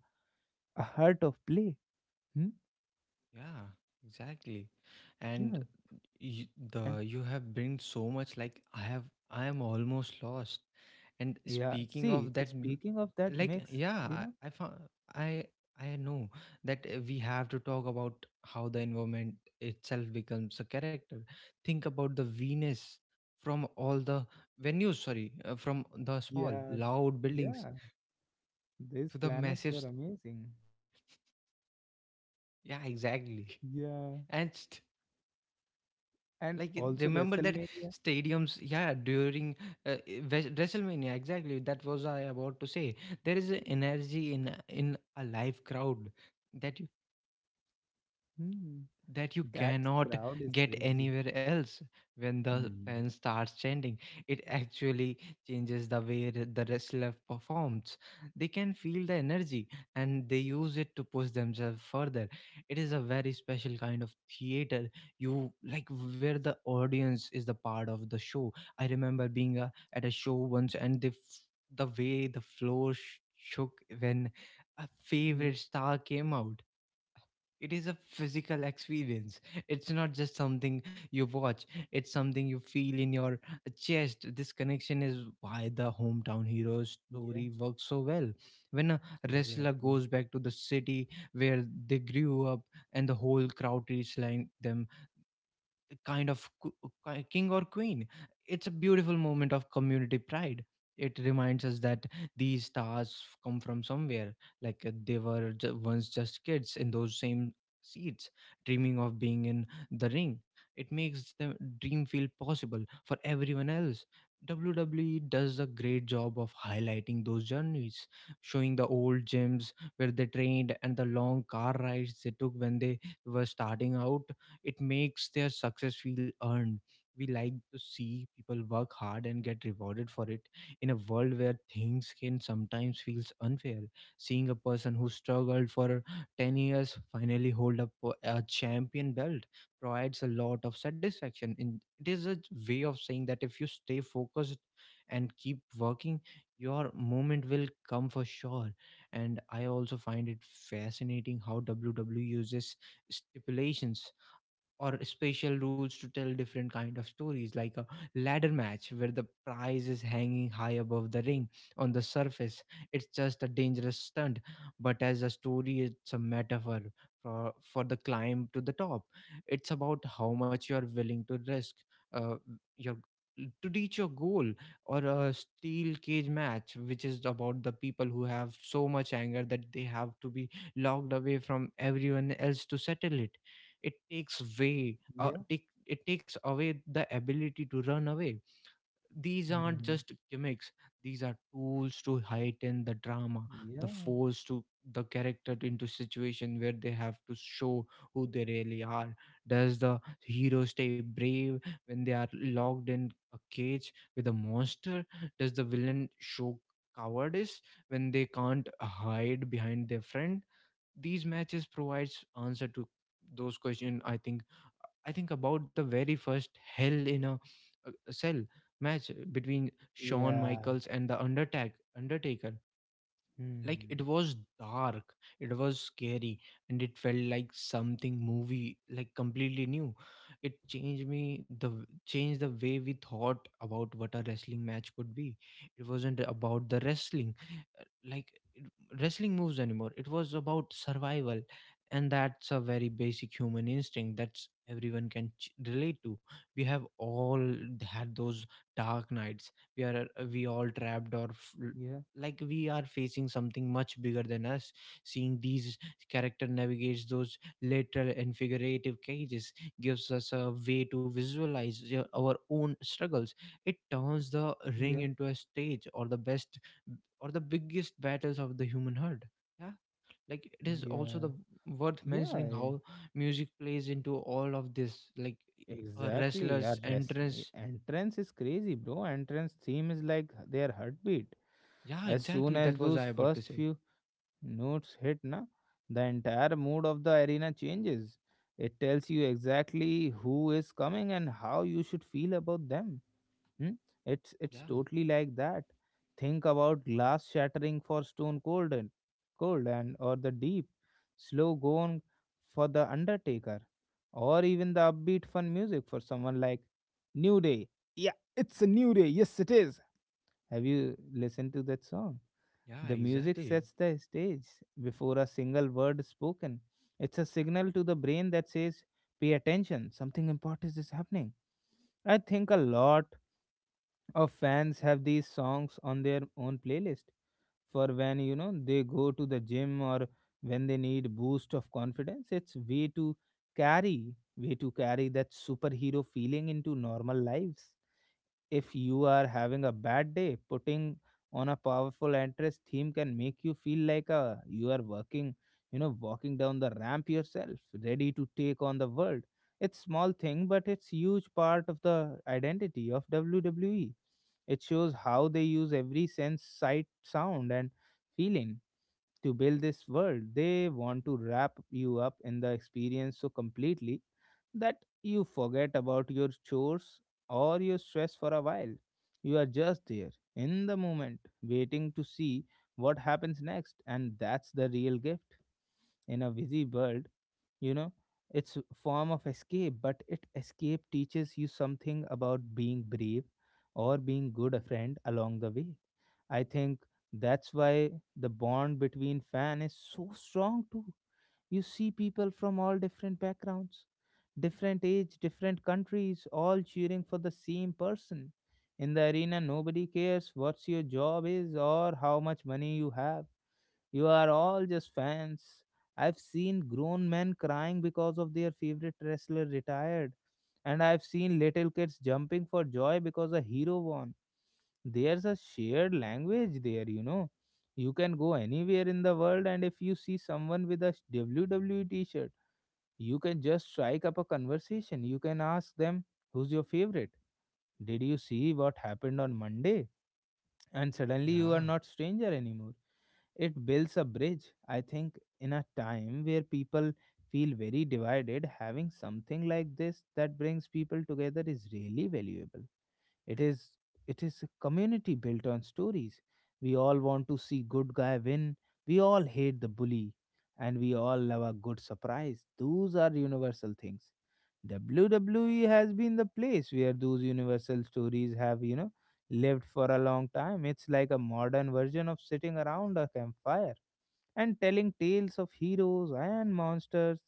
A: a heart of play. Hmm?
B: Yeah, exactly. And
A: Yeah.
B: you,
A: eh,
B: the you have been so much like I have. I am almost lost. And
A: Yeah.
B: speaking
A: See,
B: of that,
A: speaking of that
B: like
A: mix, you
B: yeah,
A: know
B: I found, I I know that we have to talk about how the environment itself becomes a character. Think about the Venus from all the venues, sorry, from the small
A: Yeah,
B: loud buildings
A: yeah, these
B: to the
A: planets
B: massive.
A: were amazing.
B: Yeah, exactly.
A: Yeah,
B: <laughs> And
A: and
B: like
A: also
B: remember that
A: WrestleMania.
B: stadiums, yeah, during wrestlemania, exactly, that was I about to say. There is an energy in a live crowd that you
A: Hmm,
B: that you
A: that
B: cannot
A: crowd is
B: get
A: crazy.
B: anywhere else. When the fan
A: Hmm.
B: starts chanting, it actually changes the way the wrestler performs. They can feel the energy and they use it to push themselves further. It is a very special kind of theater, you like, where the audience is the part of the show. I remember being at a show once and the way the floor shook when a
A: Hmm.
B: favorite star came out. It is a physical experience, it's not just something you watch, it's something you feel in your chest. This connection is why the hometown hero
A: Yeah,
B: story works so well. When a wrestler
A: exactly.
B: goes back to the city where they grew up and the whole crowd is like them, kind of king or queen. It's a beautiful moment of community pride. It reminds us that these stars come from somewhere, like they were once just kids in those same seats, dreaming of being in the ring. It makes the dream feel possible for everyone else. WWE does a great job of highlighting those journeys, showing the old gyms where they trained and the long car rides they took when they were starting out. It makes their success feel earned. We like to see people work hard and get rewarded for it. In a world where things can sometimes feels unfair, seeing a person who struggled for 10 years finally hold up a champion belt provides a lot of satisfaction. And it is a way of saying that if you stay focused and keep working, your moment will come for sure. And I also find it fascinating how WWE uses stipulations or special rules to tell different kind of stories, like a ladder match where the prize is hanging high above the ring. On the surface, it's just a dangerous stunt, but as a story it's a metaphor for the climb to the top. It's about how much you're willing to risk, uh, your, to reach your goal. Or a steel cage match, which is about the people who have so much anger that they have to be locked away from everyone else to settle it. It takes
A: Yeah.
B: it takes away the ability to run away. These aren't
A: Hmm.
B: just gimmicks, these are tools to heighten the drama, the
A: Yeah.
B: force to the character into situation where they have to show who they really are. Does the hero stay brave when they are locked in a cage with a monster? Does the villain show cowardice when they can't hide behind their friend? These matches provides answer to those questions. I think about the very first Hell in a Cell match between Shawn
A: Yeah.
B: Michaels and the Undertaker. Like it
A: Hmm.
B: was dark, it was scary, and it felt like something movie like completely new. It changed the way we thought about what a wrestling match could be. It wasn't about the wrestling, uh, like it, wrestling moves anymore. It was about survival, and that's a very basic human instinct that's everyone can relate to. We have all had those dark nights. We are we all trapped, or
A: Yeah.
B: like we are facing something much bigger than us. Seeing these character navigates those literal and figurative cages gives us a way to visualize our own struggles. It turns the ring
A: Yeah.
B: into a stage, or the best, or the biggest battles of the human heart. Yeah, like it is also
A: Yeah.
B: the worth mentioning
A: Yeah.
B: how music plays into all of this, like a
A: Exactly.
B: wrestler's
A: Yeah.
B: entrance,
A: Entrance is crazy, bro. Entrance theme is like their heartbeat.
B: yeah
A: As soon
B: exactly
A: as
B: that was
A: those
B: I about to
A: first
B: say.
A: few notes hit na, the entire mood of the arena changes. It tells you exactly who is coming and how you should feel about them. Hmm? It's
B: Yeah.
A: totally like that. Think about glass shattering for Stone Cold and or the deep slow going for the Undertaker, or even the upbeat fun music for someone like New Day. Yeah, it's a new day, yes it is. Have you listened to that song?
B: Yeah,
A: The music
B: exactly.
A: sets the stage before a single word is spoken. It's a signal to the brain that says, pay attention, something important is happening. I think a lot of fans have these songs on their own playlist for when, they go to the gym or when they need boost of confidence. It's way to carry that superhero feeling into normal lives. If you are having a bad day, putting on a powerful entrance theme can make you feel like a, you are working, walking down the ramp yourself, ready to take on the world. It's small thing, but it's huge part of the identity of WWE. It shows how they use every sense, sight, sound, and feeling to build this world. They want to wrap you up in the experience so completely that you forget about your chores or your stress for a while. You are just there in the moment, waiting to see what happens next, and that's the real gift in a busy world. You know, it's a form of escape, but it escape teaches you something about being brave or being good a friend along the way. I think that's why the bond between fan is so strong too. You see people from all different backgrounds, different age, different countries, all cheering for the same person. In the arena, nobody cares what your job is or how much money you have. You are all just fans. I've seen grown men crying because of their favorite wrestler retired, and I've seen little kids jumping for joy because a hero won. There's a shared language there, you can go anywhere in the world, and if you see someone with a WWE t-shirt, you can just strike up a conversation. You can ask them, who's your favorite? Did you see what happened on Monday? And suddenly you are
B: Yeah.
A: not stranger anymore. It builds a bridge, I think. In a time where people feel very divided, having something like this that brings people together is really valuable. It is, it is a community built on stories. We all want to see good guy win. We all hate the bully and we all love a good surprise. Those are universal things. WWE has been the place where those universal stories have, lived for a long time. It's like a modern version of sitting around a campfire and telling tales of heroes and monsters.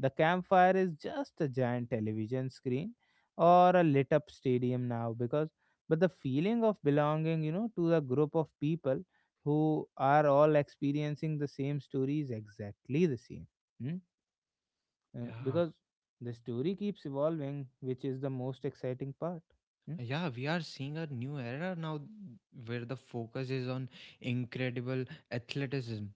A: The campfire is just a giant television screen or a lit up stadium now because but the feeling of belonging, to a group of people who are all experiencing the same story is exactly the same. Hmm?
B: Yeah,
A: Because the story keeps evolving, which is the most exciting part. Hmm?
B: yeah, we are seeing a new era now where the focus is on incredible athleticism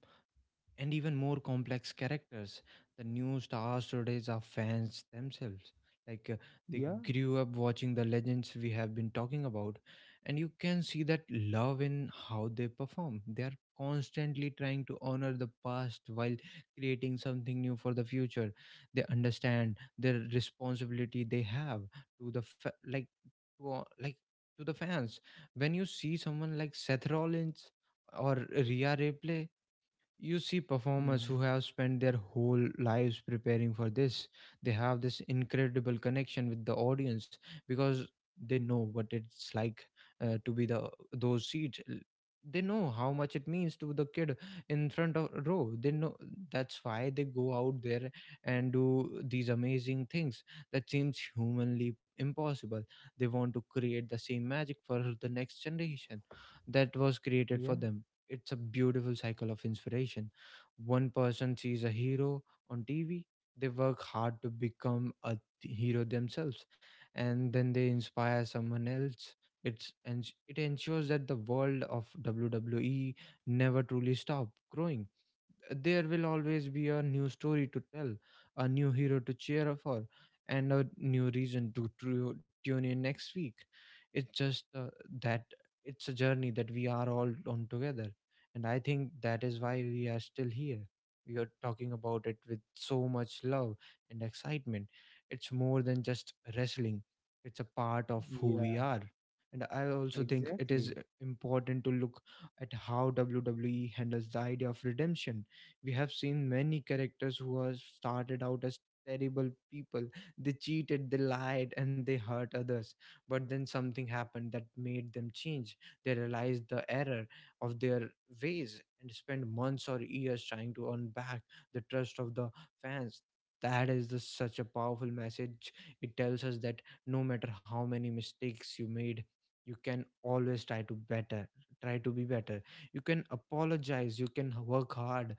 B: and even more complex characters. The new stars today are fans themselves. Like they
A: Yeah.
B: grew up watching the legends we have been talking about, and you can see that love in how they perform. They are constantly trying to honor the past while creating something new for the future. They understand their responsibility they have to the fa- like to the fans. When you see someone like Seth Rollins or Rhea Ripley, you see performers
A: Hmm.
B: who have spent their whole lives preparing for this. They have this incredible connection with the audience because they know what it's like, to be the those seats. They know how much it means to the kid in front of row. They know that's why they go out there and do these amazing things that seems humanly impossible. They want to create the same magic for the next generation that was created for
A: Yeah,
B: them. It's a beautiful cycle of inspiration. One person sees a hero on TV, they work hard to become a hero themselves, and then they inspire someone else. It's and it ensures that the world of WWE never truly stop growing. There will always be a new story to tell, a new hero to cheer for, and a new reason to, tune in next week. It's just that it's a journey that we are all on together. And I think that is why we are still here. We are talking about it with so much love and excitement. It's more than just wrestling, it's a part of who we
A: yeah,
B: are. And I also think it is
A: exactly.
B: important to look at how WWE handles the idea of redemption. We have seen many characters who have started out as terrible people. They cheated, they lied, and they hurt others, but then something happened that made them change. They realized the error of their ways and spend months or years trying to earn back the trust of the fans. Such a powerful message. It tells us that no matter how many mistakes you made, you can always try to better, try to be better. You can apologize, you can work hard,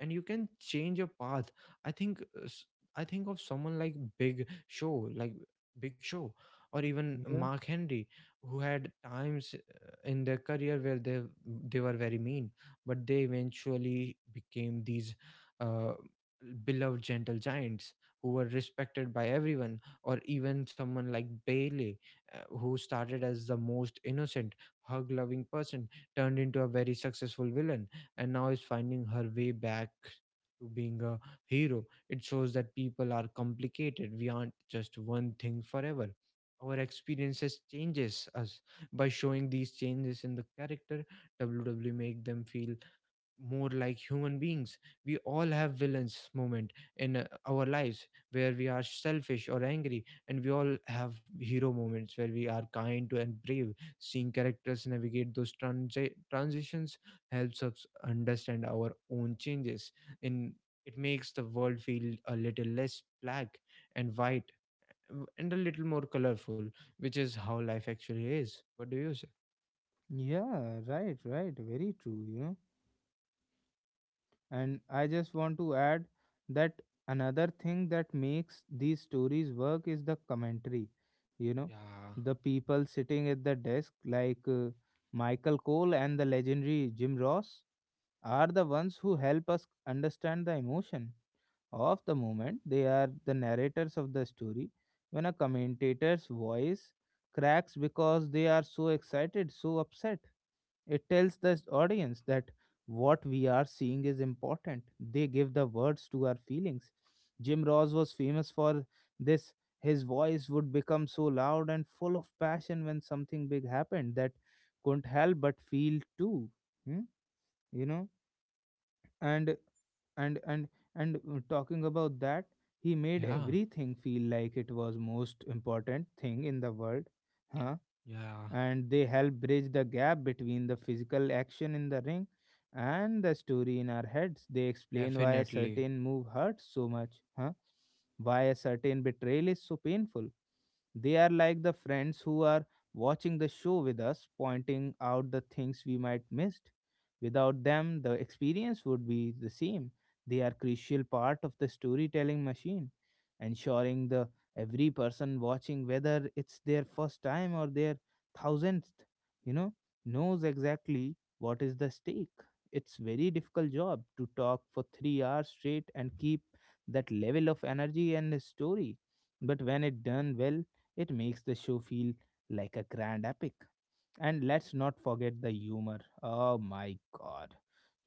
B: and you can change your path. i think uh, s- I think of someone like Big Show, or even
A: Yeah,
B: Mark Henry, who had times in their career where they were very mean, but they eventually became these uh, beloved gentle giants who were respected by everyone. Or even someone like Bailey, who started as the most innocent hug loving person, turned into a very successful villain, and now is finding her way back to being a hero. It shows that people are complicated. We aren't just one thing forever. Our experiences changes us. By showing these changes in the character, WWE make them feel more like human beings. We all have villains moment in our lives where we are selfish or angry, and we all have hero moments where we are kind to and brave. Seeing characters navigate those transitions helps us understand our own changes, and it makes the world feel a little less black and white, and a little more colorful, which is how life actually is. What do you say?
A: yeah, right, right, very true. And I just want to add that another thing that makes these stories work is the commentary. You know,
B: Yeah.
A: the people sitting at the desk, like Michael Cole and the legendary Jim Ross, are the ones who help us understand the emotion of the moment. They are the narrators of the story. When a commentator's voice cracks because they are so excited, so upset, it tells the audience that what we are seeing is important. They give the words to our feelings. Jim Ross was famous for this. His voice would become so loud and full of passion when something big happened that couldn't help but feel too. Hmm? You know, and and and and talking about that, he made
B: Yeah.
A: everything feel like it was most important thing in the world. Huh?
B: Yeah.
A: And they help bridge the gap between the physical action in the ring and the story in our heads. They explain why a
B: Definitely.
A: certain move hurts so much, huh? Why a certain betrayal is so painful. They are like the friends who are watching the show with us, pointing out the things we might missed. Without them, the experience would be the same. They are crucial part of the storytelling machine, ensuring the every person watching, whether it's their first time or their thousandth, you know knows exactly what is the stake. It's very difficult job to talk for 3 hours straight and keep that level of energy and story, but when it done well, it makes the show feel like a grand epic. And let's not forget the humor. Oh my god.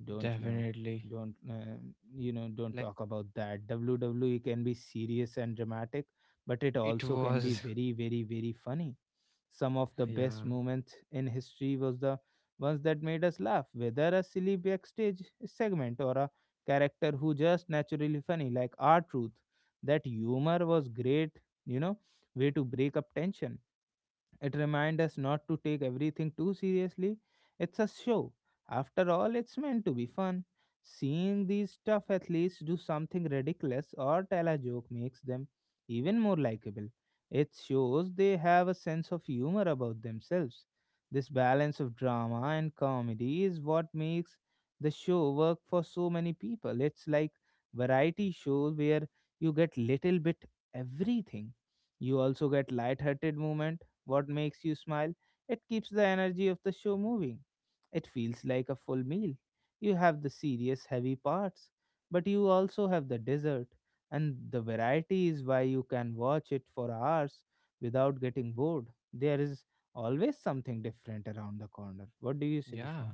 A: Don't you know
B: Definitely.
A: don't you know Don't
B: Like
A: talk about that. WWE can be serious and dramatic, but it
B: it
A: also can be
B: was
A: very, very, very funny. Some of
B: <laughs>
A: the
B: yeah.
A: best moments in history was the ones that made us laugh, whether a silly backstage segment or a character who just naturally funny like our truth. That humor was great, you know way to break up tension. It reminds us not to take everything too seriously. It's a show. After all, it's meant to be fun. Seeing these tough athletes do something ridiculous or tell a joke makes them even more likable. It shows they have a sense of humor about themselves. This balance of drama and comedy is what makes the show work for so many people. It's like variety show where you get little bit everything. You also get light-hearted moment what makes you smile? It keeps the energy of the show moving. It feels like a full meal. You have the serious, heavy parts, but you also have the dessert, and the variety is why you can watch it for hours without getting bored. There is always something different around the corner. What do you say,
B: Yeah.
A: Vishnu?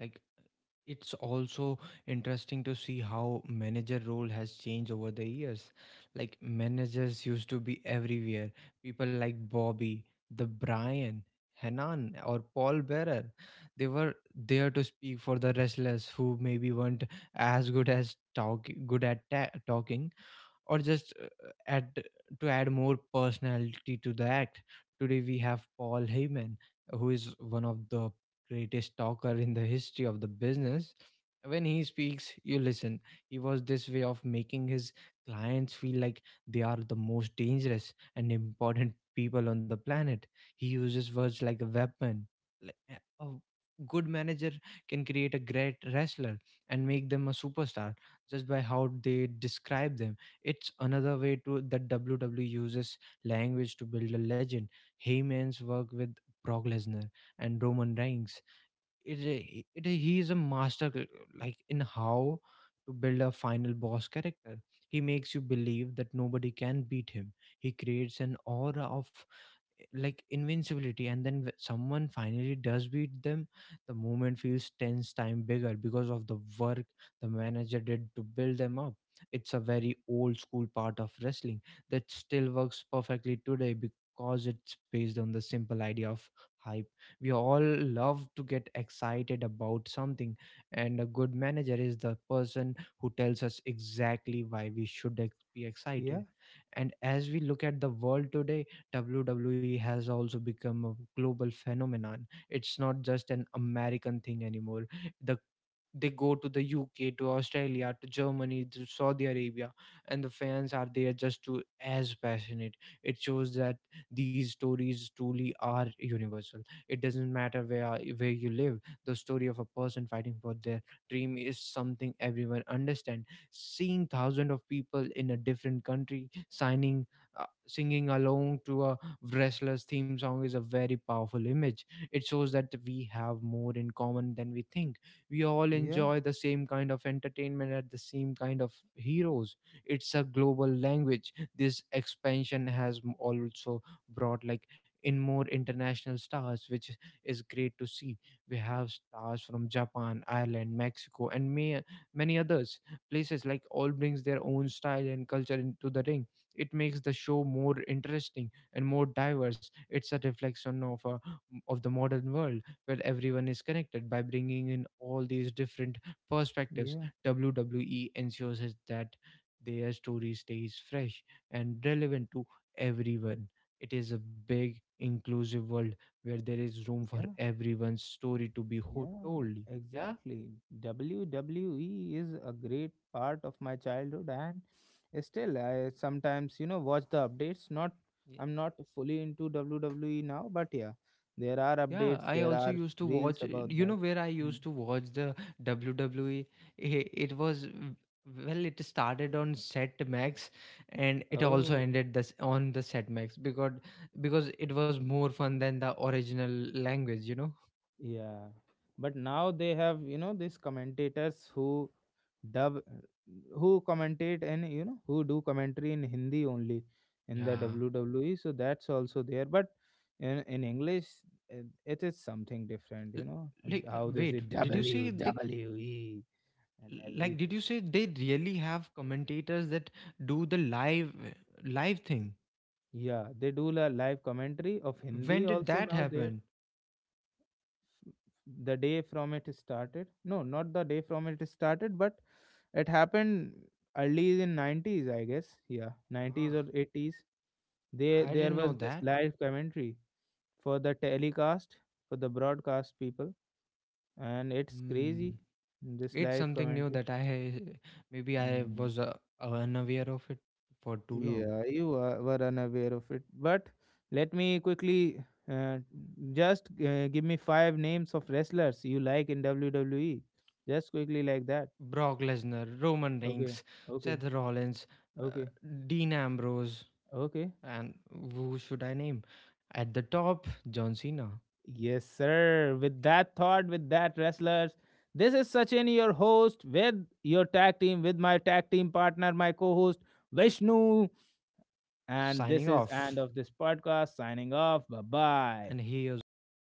B: Like it's also interesting to see how manager role has changed over the years. Like managers used to be everywhere. People like Bobby, the Brian, Hanan, or Paul Bearer. They were there to speak for the restless who maybe weren't as good as talk good at talking, or just add add more personality to the act. Today we have Paul Heyman, who is one of the greatest talker in the history of the business. When he speaks, you listen. He was this way of making his clients feel like they are the most dangerous and important people on the planet. He uses words like a weapon. like, uh, A good manager can create a great wrestler and make them a superstar just by how they describe them. It's another way to that WWE uses language to build a legend. Heyman's work with Brock Lesnar and Roman Reigns. He is a master like in how to build a final boss character. He makes you believe that nobody can beat him. He creates an aura of like invincibility, and then someone finally does beat them, the moment feels 10's time bigger because of the work the manager did to build them up. It's a very old school part of wrestling that still works perfectly today, because it's based on the simple idea of hype. We all love to get excited about something, and a good manager is the person who tells us exactly why we should be
A: Yeah,
B: excited. And as we look at the world today, WWE has also become a global phenomenon. It's not just an American thing anymore. The they go to the UK, to Australia, to Germany, to Saudi Arabia, and the fans are there just to as passionate. It shows that these stories truly are universal. It doesn't matter where you live. The story of a person fighting for their dream is something everyone understand. Seeing thousands of people in a different country signing, singing along to a wrestler's theme song is a very powerful image. It shows that we have more in common than we think. We all
A: yeah,
B: enjoy the same kind of entertainment at the same kind of heroes. It's a global language. This expansion has also brought like in more international stars, which is great to see. We have stars from Japan, Ireland, Mexico, and many others places, like all brings their own style and culture into the ring. It makes the show more interesting and more diverse. It's a reflection of of the modern world where everyone is connected. By bringing in all these different perspectives,
A: yeah.
B: WWE ensures is that their story stays fresh and relevant to everyone. It is a big, inclusive world where there is room for
A: Yeah.
B: everyone's story to be told.
A: Yeah,
B: Yeah?
A: exactly. WWE is a great part of my childhood, and still, I sometimes, watch the updates. Not, I'm not fully into WWE now, but yeah, there are
B: Yeah,
A: updates,
B: I
A: there
B: also
A: are
B: used to
A: reels
B: watch,
A: about
B: you know,
A: that.
B: where I
A: Mm.
B: used to watch the WWE. It was, well, it started on Set Max and it also
A: Oh.
B: ended this on the Set Max because it was more fun than the original language, you know?
A: Yeah, but now they have, these commentators who dub, who commentate and who do commentary in Hindi only in the
B: Yeah.
A: WWE. So that's also there, but in English, it is something different.
B: L-
A: And
B: Like,
A: how they say
B: wait, did you say
A: WWE and
B: like, did
A: everything.
B: you say they really have commentators that do the live thing?
A: Yeah, they do a live commentary of Hindi
B: When did
A: also
B: that
A: now there.
B: happen?
A: The day from it started. No, not the day from it started, but it happened early in 90s, I guess. Yeah, 90s
B: Ah,
A: or 80s. There
B: I
A: there
B: didn't
A: was
B: know
A: this
B: that.
A: live commentary for the telecast, for the broadcast people, and it's
B: Hmm.
A: crazy. This
B: It's
A: live
B: something new
A: commentary.
B: that I, maybe I
A: Mm.
B: was unaware of it for too long.
A: Yeah, you are, were unaware of it. But let me quickly uh, just give me five names of wrestlers you like in WWE. Just quickly like that.
B: Brock Lesnar, Roman
A: Okay,
B: Reigns,
A: okay,
B: Seth Rollins, uh,
A: okay,
B: Dean Ambrose,
A: okay.
B: and who should I name? At the top, John Cena
A: Yes, sir. With that thought, with that, wrestlers, this is Sachin, your host, with your tag team, with my tag team partner, my co host, Vishnu. And
B: signing
A: this is
B: off.
A: end of this podcast. Signing off. Bye
B: And
A: bye.
B: he is also.